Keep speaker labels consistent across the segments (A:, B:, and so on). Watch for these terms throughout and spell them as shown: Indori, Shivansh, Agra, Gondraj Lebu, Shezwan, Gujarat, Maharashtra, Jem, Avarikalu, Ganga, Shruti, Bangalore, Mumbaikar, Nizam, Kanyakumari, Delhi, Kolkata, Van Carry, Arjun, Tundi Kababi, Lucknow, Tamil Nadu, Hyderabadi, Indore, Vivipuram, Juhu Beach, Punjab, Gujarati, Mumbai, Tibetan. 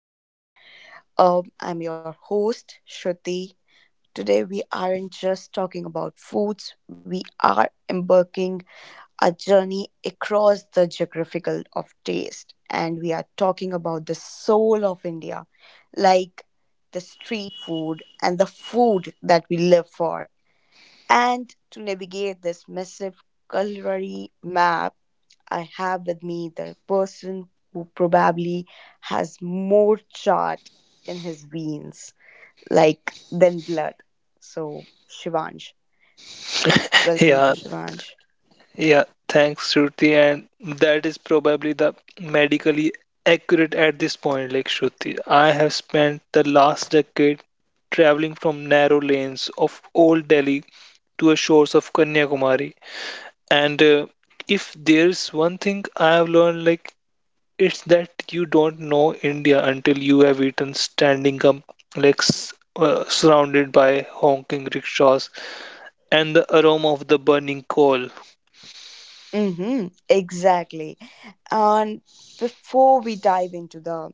A: and I'm your host, Shruti. Today, we aren't just talking about foods, we are embarking a journey across the geographical of taste, and we are talking about the soul of India, like the street food and the food that we live for. And to navigate this massive culinary map, I have with me the person who probably has more chart in his veins, like than blood. So Shivansh, welcome to
B: Yeah,
A: Shivansh.
B: yeah, thanks, Shruti. And that is probably the medically accurate at this point, like Shruti. I have spent the last decade traveling from narrow lanes of old Delhi to the shores of Kanyakumari. And if there's one thing I have learned, like it's that you don't know India until you have eaten standing up, like surrounded by honking rickshaws and the aroma of the burning coal.
A: Mm-hmm, exactly. And before we dive into the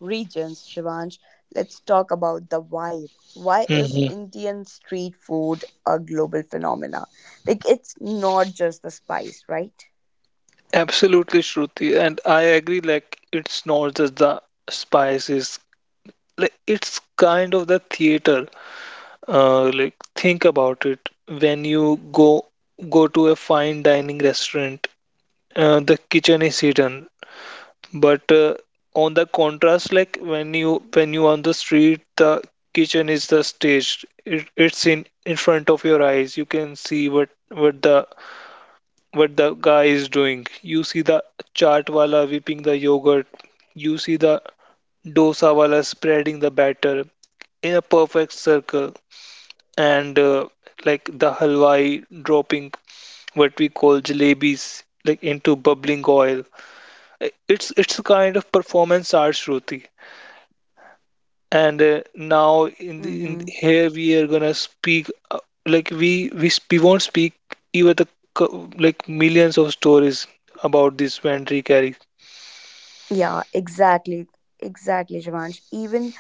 A: regions, Shivansh, let's talk about the vibe. Why is
B: Mm-hmm.
A: Indian street food a global phenomena? Like it's not just the spice, right?
B: Absolutely, Shruti, and I agree. Like, it's not just the spices. Like, it's kind of the theater. Like, think about it. When you go to a fine dining restaurant, the kitchen is hidden. But on the contrast, like when you on the street, the kitchen is the stage. It's in front of your eyes. You can see what the what the guy is doing. You see the chaat wala whipping the yogurt. You see the dosa wala spreading the batter in a perfect circle. And like the halwai dropping what we call jalebis like into bubbling oil. It's a kind of performance art, Shruti. And now in the in
A: Mm-hmm.
B: here we are gonna speak uh, like we we won't speak even the like millions of stories about this Van Carry.
A: Yeah, exactly. Exactly, Jivansh. Even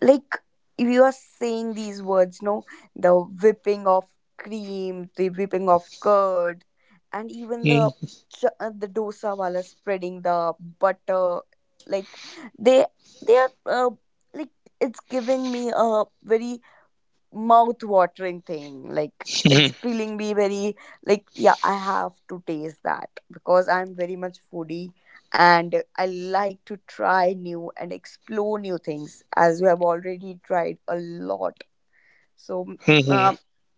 A: like if you are saying these words, no, the whipping of cream, the whipping of curd, and even the
B: Mm,
A: the dosa wala spreading the butter, like they they are like it's giving me a very mouth watering thing. Like
B: Mhm.
A: it's feeling me very like yeah, I have to taste that because I'm very much foodie and I like to try new and explore new things as we have already tried a lot. So
B: mhm.
A: uh,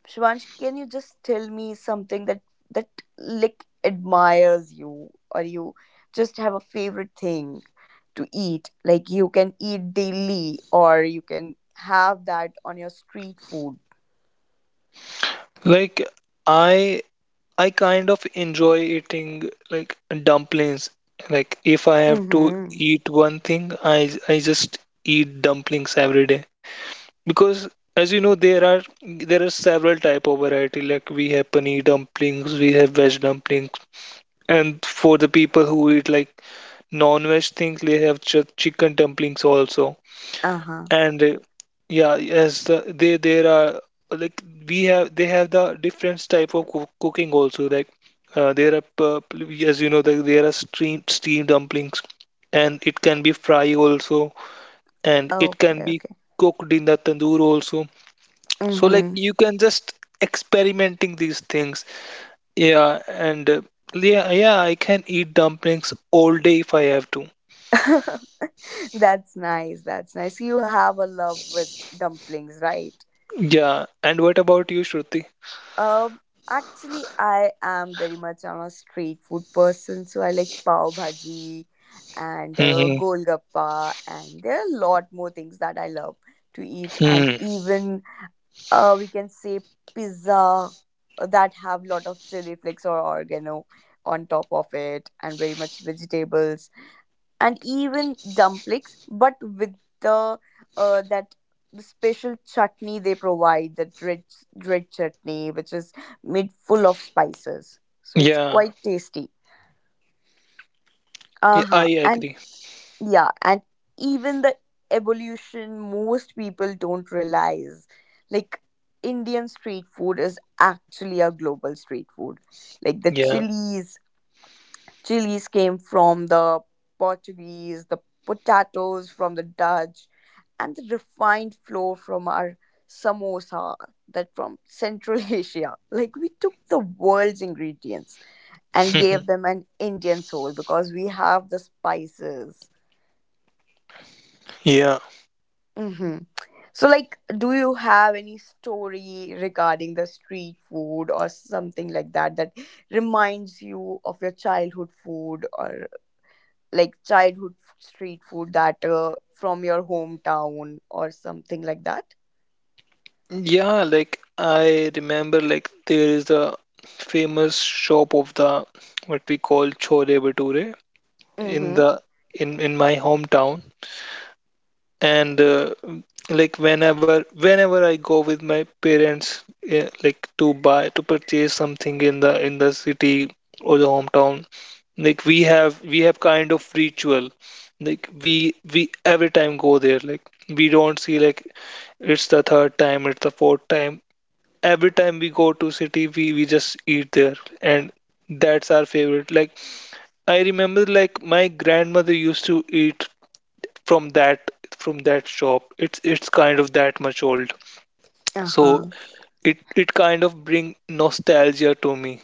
A: Shivansh, can you just tell me something that like admires you or you just have a favorite thing to eat like you can eat daily or you can have that on your street food.
B: Like I I kind of enjoy eating like dumplings. Like if I have to
A: Mm-hmm.
B: eat one thing, I just eat dumplings every day because as you know there are several type of variety like we have paneer dumplings, we have veg dumplings and for the people who eat like non-veg things they have ch chicken dumplings also.
A: Uh-huh.
B: And yeah, as the, they there are like we have they have the different type of cooking also. Like uh, there are pu- as you know there are steamed dumplings, and it can be fry also, and it
A: Okay,
B: can be
A: okay.
B: cooked in the tandoor also. So like
A: Mm-hmm.
B: you can just experimenting these things. Yeah, and uh, yeah, I can eat dumplings all day if I have to.
A: That's nice. That's nice. You have a love with dumplings, right?
B: Yeah, and what about you, Shruti?
A: Um, Actually, I am very much on a street food person, so I like pav bhaji and
B: Hmm.
A: golgappa, and there are a lot more things that I love to eat, and
B: Hmm.
A: even we can say pizza that have lot of chili flakes or oregano on top of it, and very much vegetables and even dumplings, but with the that the special chutney they provide, that red chutney, which is made full of spices. So it's
B: Yeah.
A: quite tasty. Uh
B: Yeah, I
A: huh. And
B: agree.
A: yeah, and even the evolution most people don't realize, like Indian street food is actually a global street food. Like the
B: Yeah,
A: chilies, chilies came from the Portuguese, the potatoes from the Dutch, and the refined flour from our samosa that from Central Asia. Like we took the world's ingredients and gave them an Indian soul because we have the spices.
B: yeah,
A: Hmm. So, like, do you have any story regarding the street food or something like that that reminds you of your childhood food or like childhood street food that from your hometown or something like that?
B: yeah. Like I remember, like there is a famous shop of the what we call chole bhature in
A: Mm-hmm.
B: the in my hometown, and like whenever I go with my parents, like to purchase something in the city or the hometown, like we have kind of ritual like we every time go there like we don't see like it's the third time, it's the fourth time. Every time we go to city, we just eat there, and that's our favorite. Like I remember, like my grandmother used to eat from that from that shop. It's kind of that much old, so
A: Uh-huh.
B: it kind of bring nostalgia to me.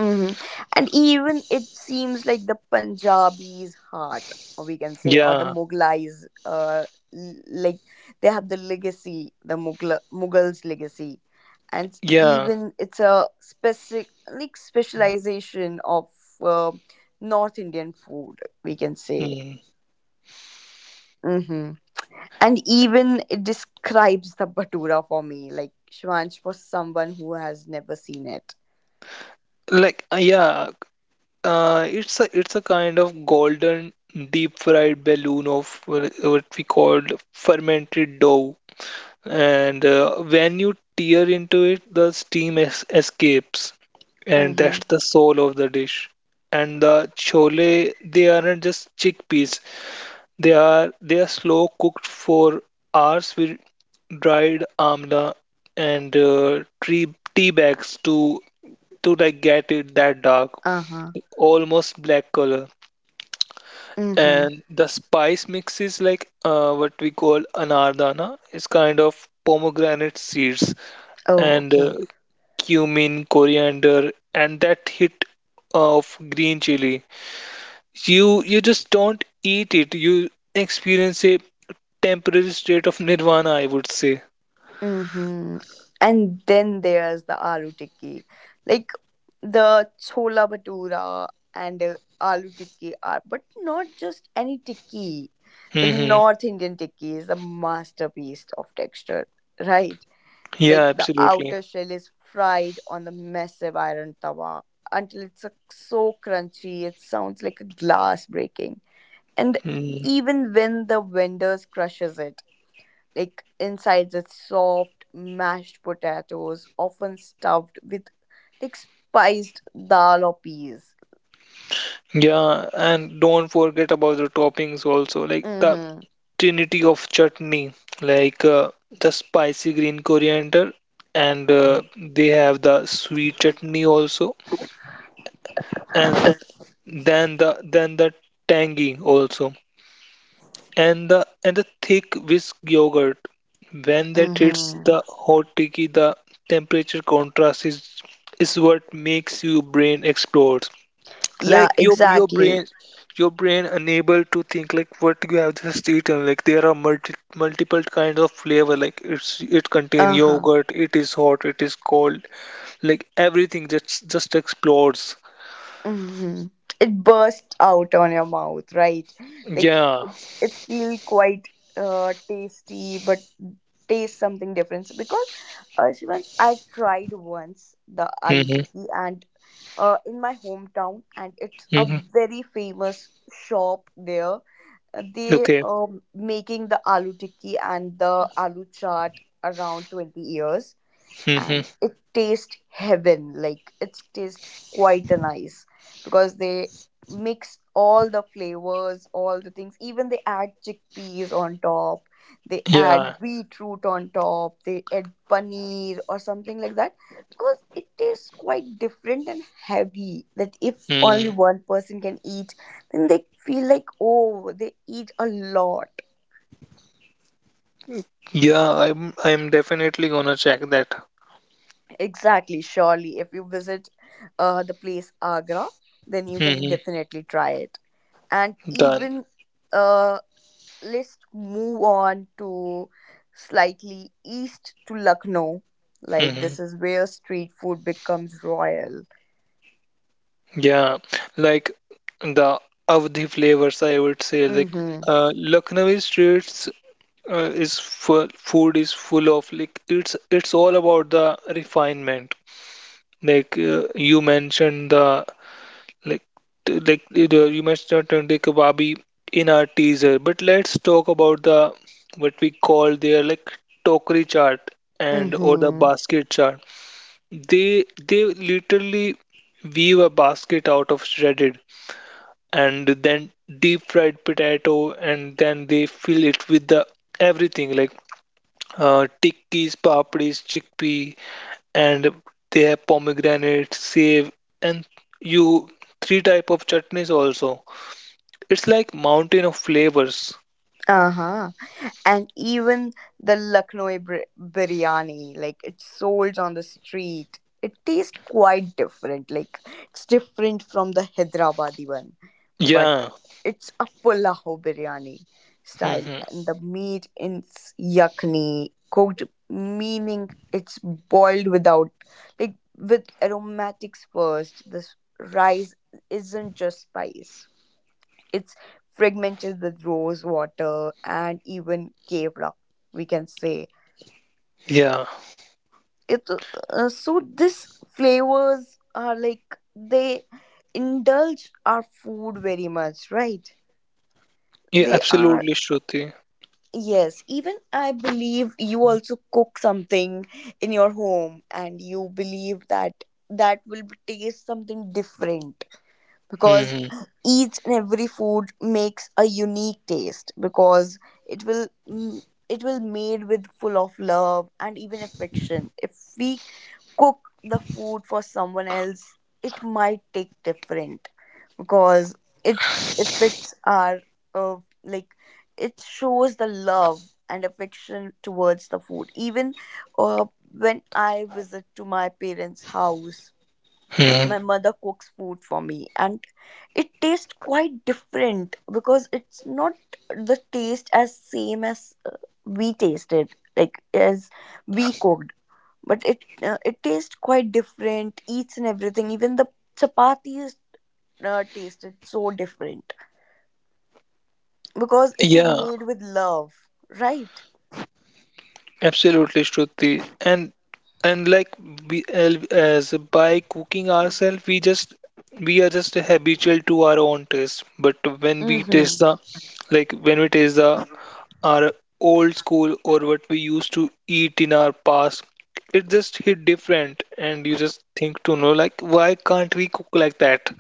A: Mm-hmm. And even it seems like the Punjabi's heart or we can say or the
B: Yeah,
A: Mughlais like they have the legacy the Mughals legacy and
B: yeah.
A: even it's a specific like specialization of uh, North Indian food we can say.
B: Hmm.
A: Mm-hmm. And even it describes the Bhatura for me, like Shivansh for someone who has never seen it.
B: Like, it's a kind of golden deep fried balloon of what we called fermented dough. And when you tear into it, the steam es escapes, and
A: Mm-hmm.
B: that's the soul of the dish. And the chole, they aren't just chickpeas. They are slow cooked for hours with dried amla and tree tea bags to like get it that dark,
A: Uh-huh.
B: almost black color.
A: Mm-hmm.
B: And the spice mix is like what we call anardana. It's kind of pomegranate seeds
A: Oh,
B: and
A: okay.
B: uh, cumin, coriander, and that hit of green chili. You just don't eat it. You experience a temporary state of nirvana, I would say.
A: Mm-hmm. And then there's the aloo tikki. Like the chola bhatura and aloo tikki are, but not just any tikki. The
B: Hmm.
A: North Indian tikki is a masterpiece of texture, right?
B: Yeah,
A: Like the
B: absolutely.
A: outer shell is fried on the massive iron tawa until it's so crunchy it sounds like a glass breaking. And
B: Mm.
A: even when the vendors crushes it like inside the soft mashed potatoes, often stuffed with like spiced dal or peas.
B: Yeah, and don't forget about the toppings also, like the
A: Mm-hmm.
B: trinity of chutney, like the spicy green coriander, and they have the sweet chutney also, and then the then the tangy also. And the thick whisk yogurt when that hits
A: Mm-hmm.
B: the hot tiki the temperature contrast is what makes your brain explode
A: Yeah,
B: like
A: exactly.
B: your brain unable to think like what you have just eaten like there are multiple kinds of flavor like it's it contain
A: Uh-huh.
B: yogurt it is hot it is cold like everything just explodes.
A: Hmm. It bursts out on your mouth, right? Like
B: Yeah.
A: it's feel quite tasty, but taste something different. So because Shivansh, I tried once the aloo
B: Mm-hmm.
A: tikki and in my hometown, and it's a
B: Mm-hmm.
A: very famous shop there. They
B: Okay.
A: um making the aloo tikki and the aloo chaat around 20 years and
B: Mm-hmm.
A: it tastes heaven like it's tastes quite a nice because they mix all the flavors all the things even they add chickpeas on top, they add
B: Yeah.
A: beetroot on top, they add paneer or something like that because it tastes quite different and heavy that if only
B: Mm.
A: one person can eat then they feel like oh they eat a lot.
B: Yeah, I'm definitely gonna check that.
A: Exactly, surely. If you visit the place Agra, then you can
B: Hmm.
A: definitely try it. And
B: Done.
A: even uh, let's move on to slightly east to Lucknow. Like,
B: Hmm.
A: this is where street food becomes royal.
B: Yeah, like the Avdi flavors, I would say
A: Mm
B: like
A: hmm.
B: Lucknowi streets is full, food is full of like it's all about the refinement. Like you mentioned the like you mentioned Tundi Kababi in our teaser, but let's talk about the what we call their like tokri chart
A: Mm
B: and or the
A: hmm.
B: basket chart. They literally weave a basket out of shredded and then deep fried potato and then they fill it with the everything like tikkis, papdis, chickpea and they have pomegranate, save and you three type of chutneys also. It's like mountain of flavors.
A: Uh huh. And even the Lucknow biryani, like, it's sold on the street. It tastes quite different. Like, it's different from the Hyderabadi one but
B: Yeah.
A: it's a pulao biryani style
B: Hmm.
A: and the meat is yakni cooked meaning it's boiled without like with aromatics first this rice isn't just spice, it's fragmented with rose water and even kevra we can say
B: Yeah.
A: it so this flavors are like they indulge our food very much right
B: Yeah,
A: they are.
B: absolutely, Shruti.
A: Yes, even I believe you also cook something in your home and you believe that that will be- taste something different because
B: Hmm.
A: each and every food makes a unique taste because it will it will made with full of love and even affection. If we cook the food for someone else, it might take different because it affects our uh, like it shows the love and affection towards the food even uh, when I visit to my parents house
B: Hmm.
A: my mother cooks food for me and it tastes quite different because it's not the taste as same as uh, we tasted like as we cooked but it it tastes quite different each and everything even the chapatis tasted so different because it is
B: Yeah.
A: made with love, right?
B: Absolutely, Shruti. And like as by cooking ourselves, we just we are just habitual to our own taste. But when we taste
A: Mm-hmm.
B: the like when we taste the our old school or what we used to eat in our past, it just hit different. And you just think to know like why can't we cook like that?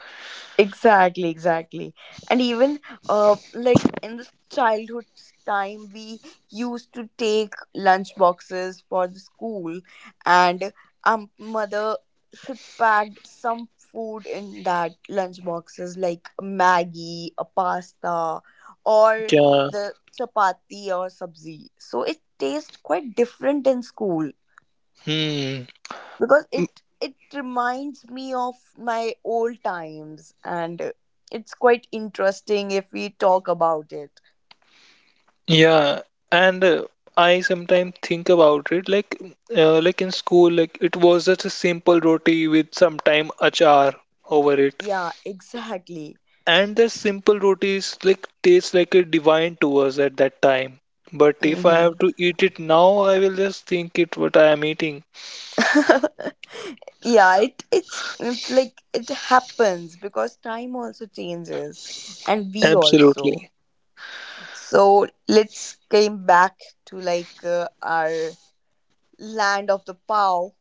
A: Exactly, exactly. And even like in the childhood time we used to take lunch boxes for the school and mother should pack some food in that lunch boxes like a Maggie, a pasta or
B: Yeah.
A: the chapati or sabzi. So it tastes quite different in school
B: Hmm.
A: because it reminds me of my old times and it's quite interesting if we talk about it.
B: Yeah, and I sometimes think about it like in school, like it was just a simple roti with sometime achar over it,
A: Yeah, exactly.
B: and the simple rotis like tastes like a divine to us at that time. But if I have
A: Hmm.
B: to eat it now, I will just think it what I am eating.
A: Yeah, it it's it, like it happens because time also changes and we also
B: Absolutely.
A: so let's came back to like our land of the pow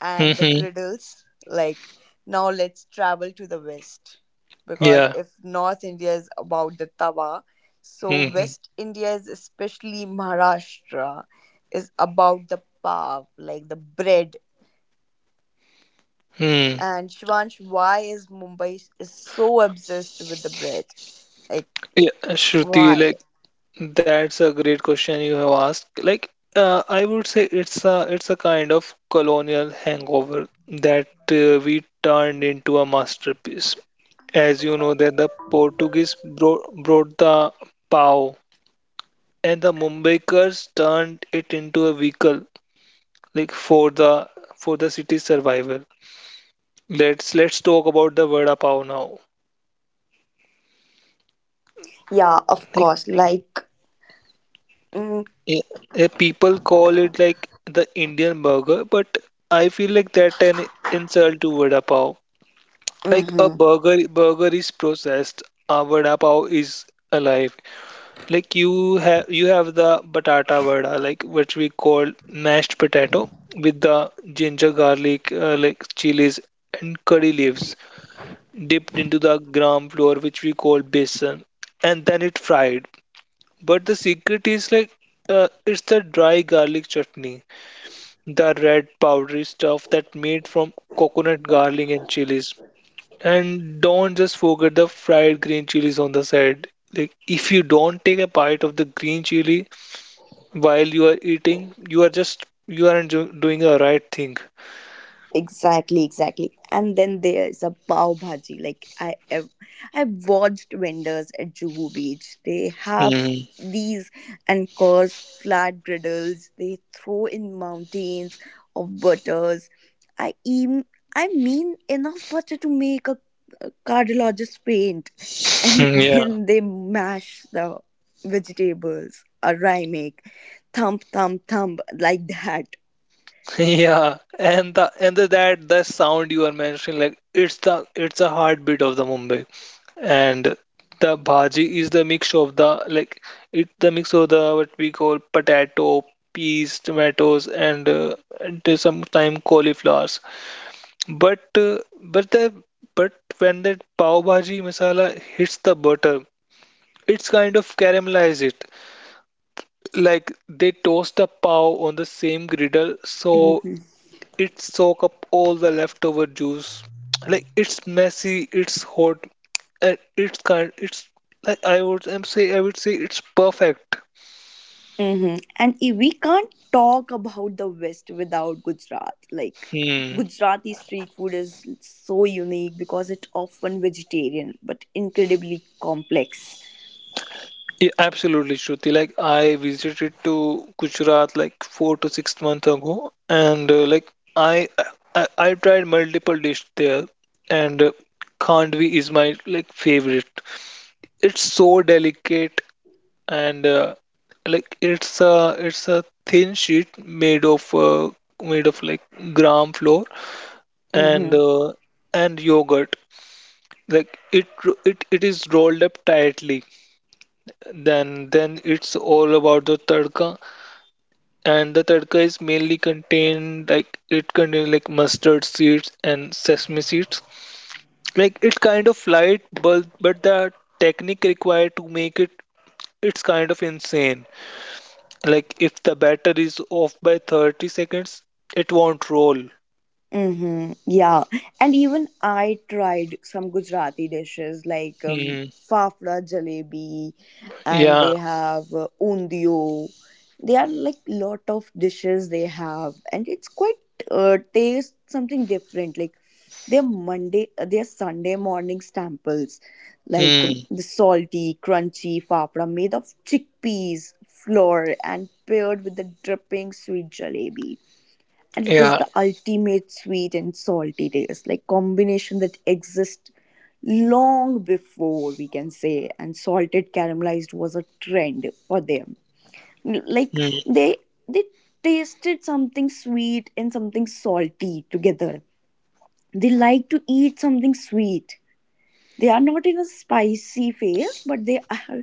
A: and the
B: Mm-hmm.
A: griddles. Like, now let's travel to the west. Because
B: Yeah.
A: if North India is about the tawa, so
B: Mm-hmm.
A: West India is especially Maharashtra is about the pav, like the bread.
B: Hmm.
A: And Shivansh, why is Mumbai is so obsessed with the bread? Like,
B: Yeah, Shruti,
A: why?
B: like that's a great question you have asked. Like, I would say it's a kind of colonial hangover that we turned into a masterpiece. As you know, that the Portuguese brought the pau, and the Mumbaikars turned it into a vehicle, like for the city's survival. Let's talk about the vada pav now.
A: Yeah, of course. Like, mm,
B: Yeah, people call it like the Indian burger, but I feel like that an insult to vada pav. Like a
A: mm-hmm.
B: burger, is processed. A vada pav is alive. Like you have the batata vada, like which we call mashed potato with the ginger, garlic, like chilies and curry leaves dipped into the gram flour, which we call besan, and then it fried. But the secret is it's the dry garlic chutney, the red powdery stuff that made from coconut garlic and chilies. And don't just forget the fried green chilies on the side. Like if you don't take a bite of the green chili while you are eating, you are just you aren't do- doing the right thing.
A: Exactly, exactly. And then there is a pav bhaji. Like I've watched vendors at Juhu Beach. They have
B: Mm,
A: these and course flat griddles. They throw in mountains of butters. I even, I mean enough butter to make a cardiologist faint, and
B: yeah,
A: then they mash the vegetables. A rhyme make thump thump thump like that.
B: yeah, and the sound you are mentioning, like it's the heartbeat of the Mumbai. And the bhaji is the mix of the like it's the mix of the what we call potato peas tomatoes and sometimes cauliflowers but uh, but the but when that pav bhaji masala hits the butter it's kind of caramelize it like they toast the pav on the same griddle so it soak up all the leftover juice. Like it's messy, it's hot, and it's kind. It's like I would say it's perfect.
A: Mm-hmm. And we can't talk about the West without Gujarat. Like,
B: Hmm.
A: Gujarati street food is so unique because it's often vegetarian but incredibly complex.
B: Yeah, absolutely, Shruti. Like I visited to Gujarat like 4 to 6 months ago, and like I tried multiple dish there, and khandvi is my like favorite. It's so delicate and like it's a thin sheet made of like gram flour and
A: Mm-hmm.
B: uh, and yogurt like it ro- it is rolled up tightly then it's all about the tadka and the tadka is mainly contained like it contains like mustard seeds and sesame seeds like it's kind of light but the technique required to make it it's kind of insane. Like if the batter is off by 30 seconds, it won't roll.
A: Mm-hmm. Yeah. And even I tried some Gujarati dishes like
B: Hmm.
A: fafda jalebi and
B: Yeah.
A: they have undio. They are like lot of dishes they have and it's quite taste something different like their Monday their Sunday morning staples like
B: Hmm.
A: the salty crunchy fafda made of chickpeas flour and paired with the dripping sweet jalebi and it is
B: Yeah.
A: the ultimate sweet and salty taste like combination that exists long before we can say and salted caramelized was a trend for them like
B: Hmm.
A: they they tasted something sweet and something salty together, they like to eat something sweet, they are not in a spicy phase but they are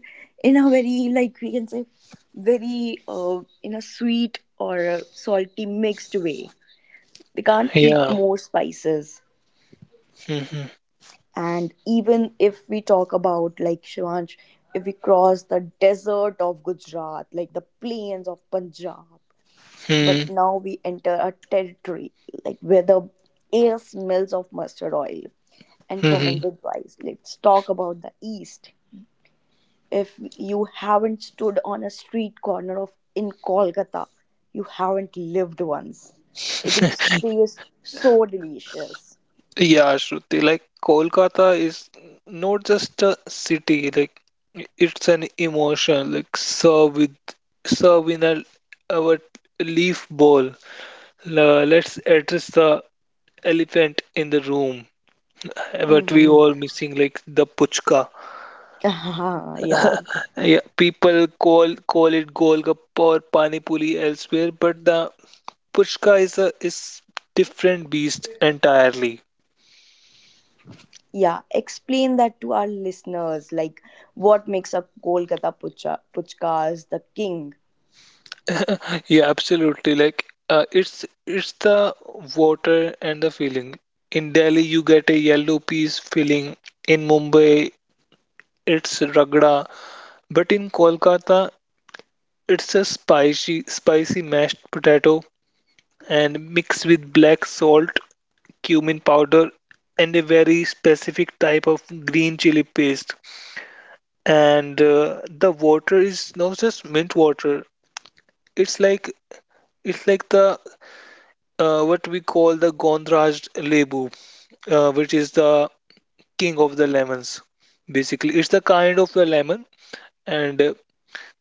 A: in a very like we can say very in a sweet or a salty mixed way, they can't eat
B: Yeah.
A: more spices.
B: Hmm.
A: And even if we talk about like Shivansh if we cross the desert of Gujarat like the plains of Punjab but
B: Hmm.
A: now we enter a territory like where the air smells of mustard oil and
B: Hmm. Hmm.
A: fermented rice, let's talk about the east. If you haven't stood on a street corner of in Kolkata you haven't lived once like it tastes so delicious.
B: Yeah, Shruti. Like Kolkata is not just a city. Like it's an emotion. Like serve in a our leaf bowl. Let's address the elephant in the room. But we
A: Hmm.
B: all missing like the puchka.
A: Yeah,
B: Yeah, people call it golgappa or pani puri elsewhere, but the puchka is different beast entirely.
A: yeah. Explain that to our listeners. Like, what makes a Kolkata pucha, puchkas the king?
B: Yeah, absolutely. Like it's the water and the filling. In Delhi, you get a yellow peas filling. In Mumbai, it's ragda. But in Kolkata, it's a spicy mashed potato and mixed with black salt cumin powder and a very specific type of green chili paste. And the water is not just mint water. It's like it's like the what we call the Gondraj Lebu, which is the king of the lemons. Basically, it's the kind of a lemon, and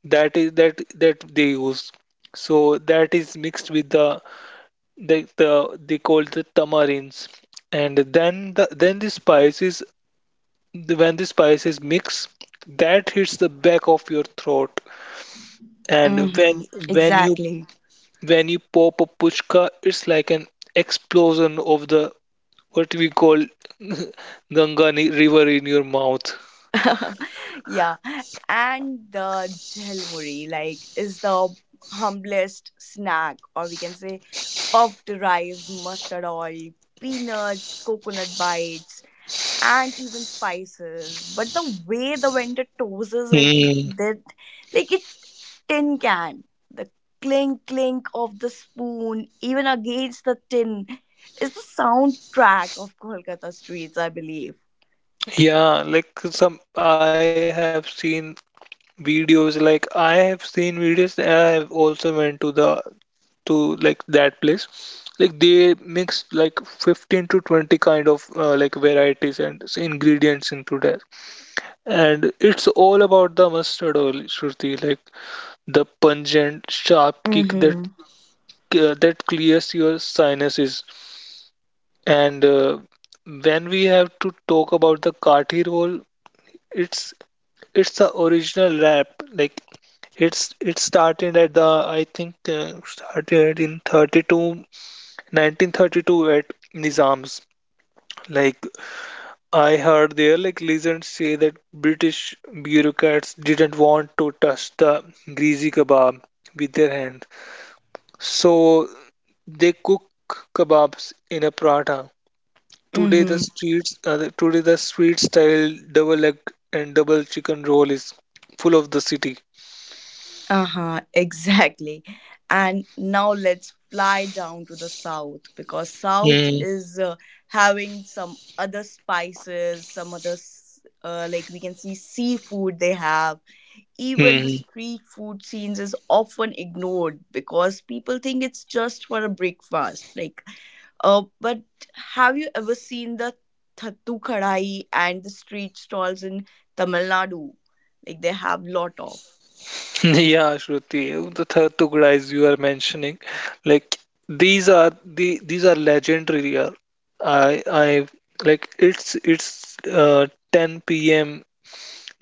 B: that is that that they use. So that is mixed with the they call it the tamarins, and then the spices. When the spices mix, that hits the back of your throat and
A: Mm-hmm.
B: when you
A: Exactly.
B: when you pop a puchka, it's like an explosion of the, what we call, Ganga river in your mouth.
A: Yeah, and the jhelmuri, like, is the humblest snack, or we can say, puffed rice, mustard oil, peanuts, coconut bites, and even spices. But the way the vendor toasts it,
B: Mm,
A: that like it tin can, the clink clink of the spoon, even against the tin, is the soundtrack of Kolkata streets, I believe.
B: yeah, like some I have seen videos like I have seen videos and I have also went to the to like that place, like they mix like 15 to 20 kind of like varieties and ingredients into that. And it's all about the mustard oil, Shruti, like the pungent, sharp kick that
A: Mm-hmm.
B: that clears your sinuses. And when we have to talk about the kathi roll, it's it's the original wrap. Like it started at the I think started in 32, 1932 at Nizam's. Like I heard their like legends say that British bureaucrats didn't want to touch the greasy kebab with their hands, so they cook kebabs in a prata.
A: Mm-hmm.
B: Today the street style double egg and double chicken roll is full of the city.
A: Uh-huh, exactly. And now let's fly down to the south because south
B: Mm-hmm.
A: is having some other spices, some other like we can see seafood they have, even the street food scenes is often ignored because people think it's just for a breakfast like but have you ever seen the thattu kadai and the street stalls in Tamil Nadu like they have lot of
B: Yeah, Shruti, the third Tugda as you are mentioning, like these are legendary. I Like it's uh, 10 p.m.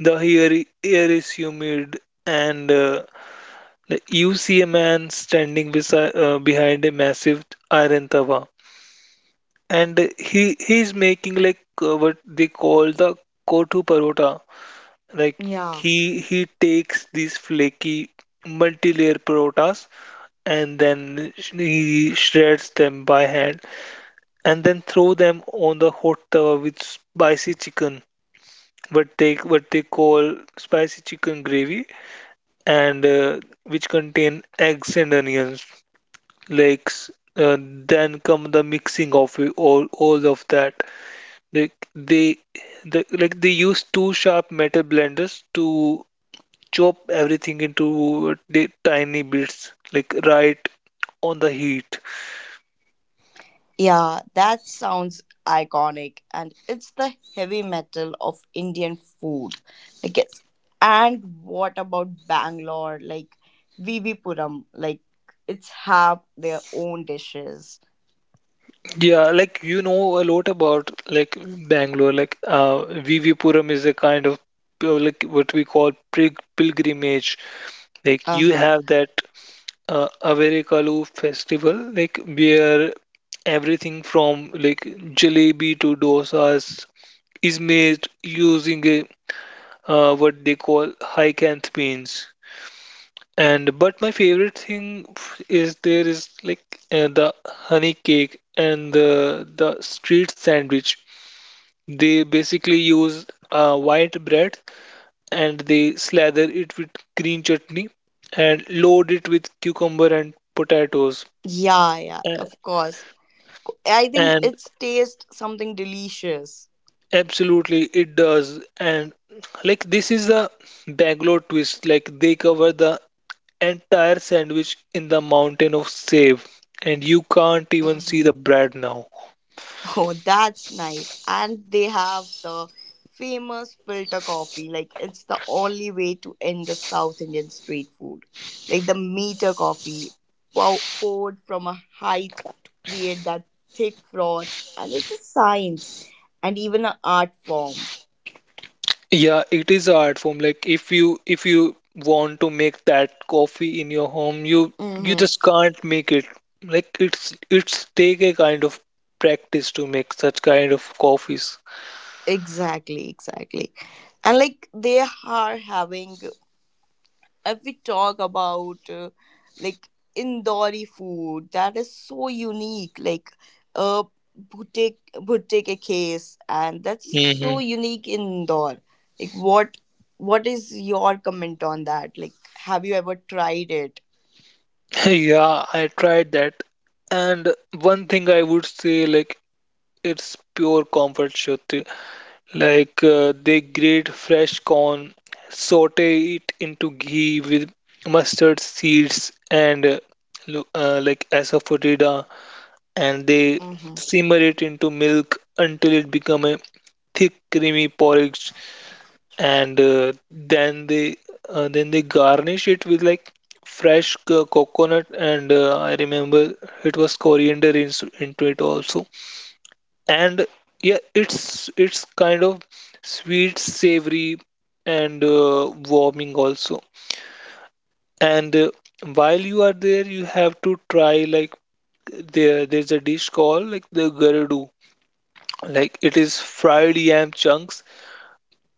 B: The air is humid and like, you see a man standing beside behind a massive iron tawa and he's making like what they call the kotu parota. Like
A: yeah.
B: he takes these flaky multi-layer parotas and then he shreds them by hand and then throw them on the hot tawa with spicy chicken, what they call spicy chicken gravy, and which contain eggs and onions. like uh, then come the mixing of it, all of that, like they use two sharp metal blenders to chop everything into the tiny bits like right on the heat.
A: Yeah, that sounds iconic, and it's the heavy metal of Indian food. Like it's, and what about Bangalore? Like Vivipuram, like it's have their own dishes.
B: Yeah, like you know a lot about like Bangalore, like Vivipuram is a kind of like what we call pilgrimage. Like
A: Uh
B: you
A: huh.
B: have that Avarikalu festival, like where everything from like jalebi to dosas is made using a what they call high-canth beans. And but my favorite thing is there is like the honey cake and the street sandwich. They basically use white bread and they slather it with green chutney and load it with cucumber and potatoes.
A: Yeah, yeah,
B: A-
A: of course. I think
B: And
A: it's taste something delicious.
B: absolutely, it does. And like this is the Bangalore twist. Like they cover the entire sandwich in the mountain of save, and you can't even see
A: Mhm.
B: the bread now.
A: Oh, that's nice. And they have the famous filter coffee. Like, it's the only way to end the South Indian street food. Like, the meter coffee poured from a height to create that thick froth. And it's a science and even an art form.
B: Yeah, it is an art form. Like if you want to make that coffee in your home, you
A: Mm-hmm.
B: just can't make it. Like it's take a kind of practice to make such kind of coffees.
A: Exactly, exactly. And like they are having if we talk about like Indori food that is so unique, like uh boutique a case and that's so
B: hmm
A: unique in Indore. Like what is your comment on that? Like have you ever tried it?
B: Yeah, I tried that. And one thing I would say, like it's pure comfort, Shruti. Like they grate fresh corn, saute it into ghee with mustard seeds and like asafoetida, and they
A: Mhm.
B: simmer it into milk until it become a thick creamy porridge, and then they garnish it with like fresh coconut, and I remember it was into it also. And yeah, it's kind of sweet, savory, and warming also. And while you are there, you have to try like there's a dish called like the garudu. Like it is fried yam chunks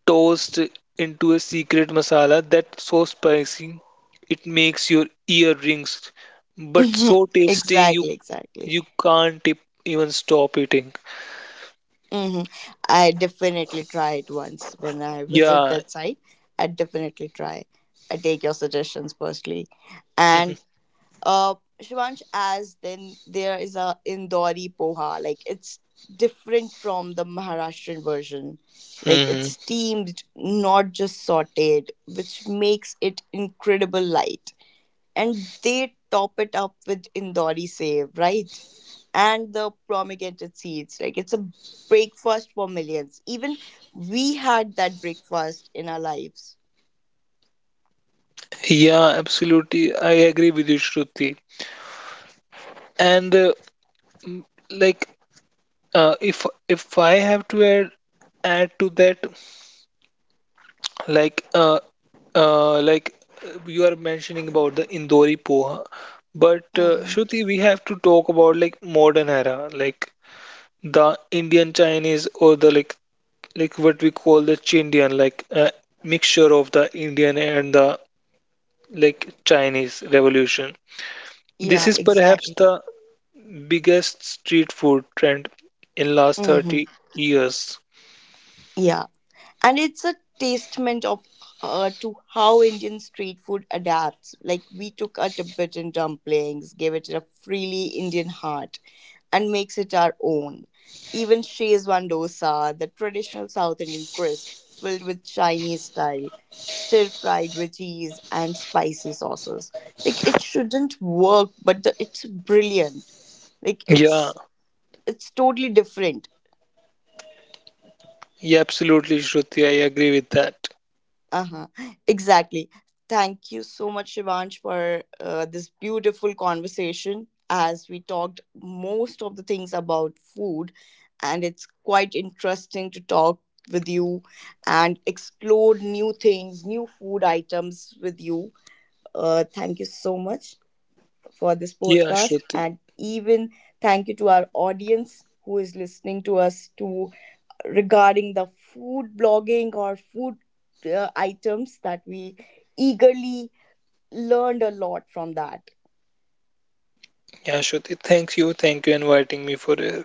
B: tossed into a secret masala that's so spicy it makes your ear rings, but
A: Mhm.
B: so tasty you
A: Exactly, exactly.
B: you can't e- even stop eating.
A: Hmm. I definitely try it once when I visit
B: Yeah,
A: that site. I definitely try. I take your suggestions personally, and uh, Shivansh, as then there is a Indori poha. Like it's different from the Maharashtrian version. Like it's
B: hmm
A: steamed, not just sautéed, which makes it incredible light. And they top it up with Indori save, right? And the promulgated seeds. Like it's a breakfast for millions. Even we had that breakfast in our lives.
B: Yeah, absolutely. I agree with you, Shruti. And m- like, if I have to add to that, like, uh, like you are mentioning about the Indori poha, but
A: Hmm.
B: Shruti, we have to talk about like modern era, like the Indian Chinese or the like what we call the Chindian, like mixture of the Indian and the like Chinese revolution. This
A: Yeah,
B: is perhaps
A: exactly.
B: the biggest street food trend in last
A: Hmm.
B: 30 years.
A: Yeah, and it's a testament of to how Indian street food adapts. Like we took our Tibetan dumplings, gave it a freely Indian heart and makes it our own. Even Shezwan dosa, the traditional South Indian crisp filled with Chinese style, stir fried with cheese and spicy sauces. Like it shouldn't work, but the, it's brilliant. Like
B: Yeah,
A: it's totally different.
B: yeah, absolutely, Shruti. I agree with that.
A: Uh-huh. Exactly. Thank you so much, Shivansh, for this beautiful conversation as we talked most of the things about food. And it's quite interesting to talk with you and explore new things, new food items with you. Thank you so much for this
B: Yeah,
A: podcast.
B: Shruti.
A: And even thank you to our audience who is listening to us to regarding the food blogging or food items that we eagerly learned a lot from that.
B: Yeah, Shruti, thank you. Thank you inviting me for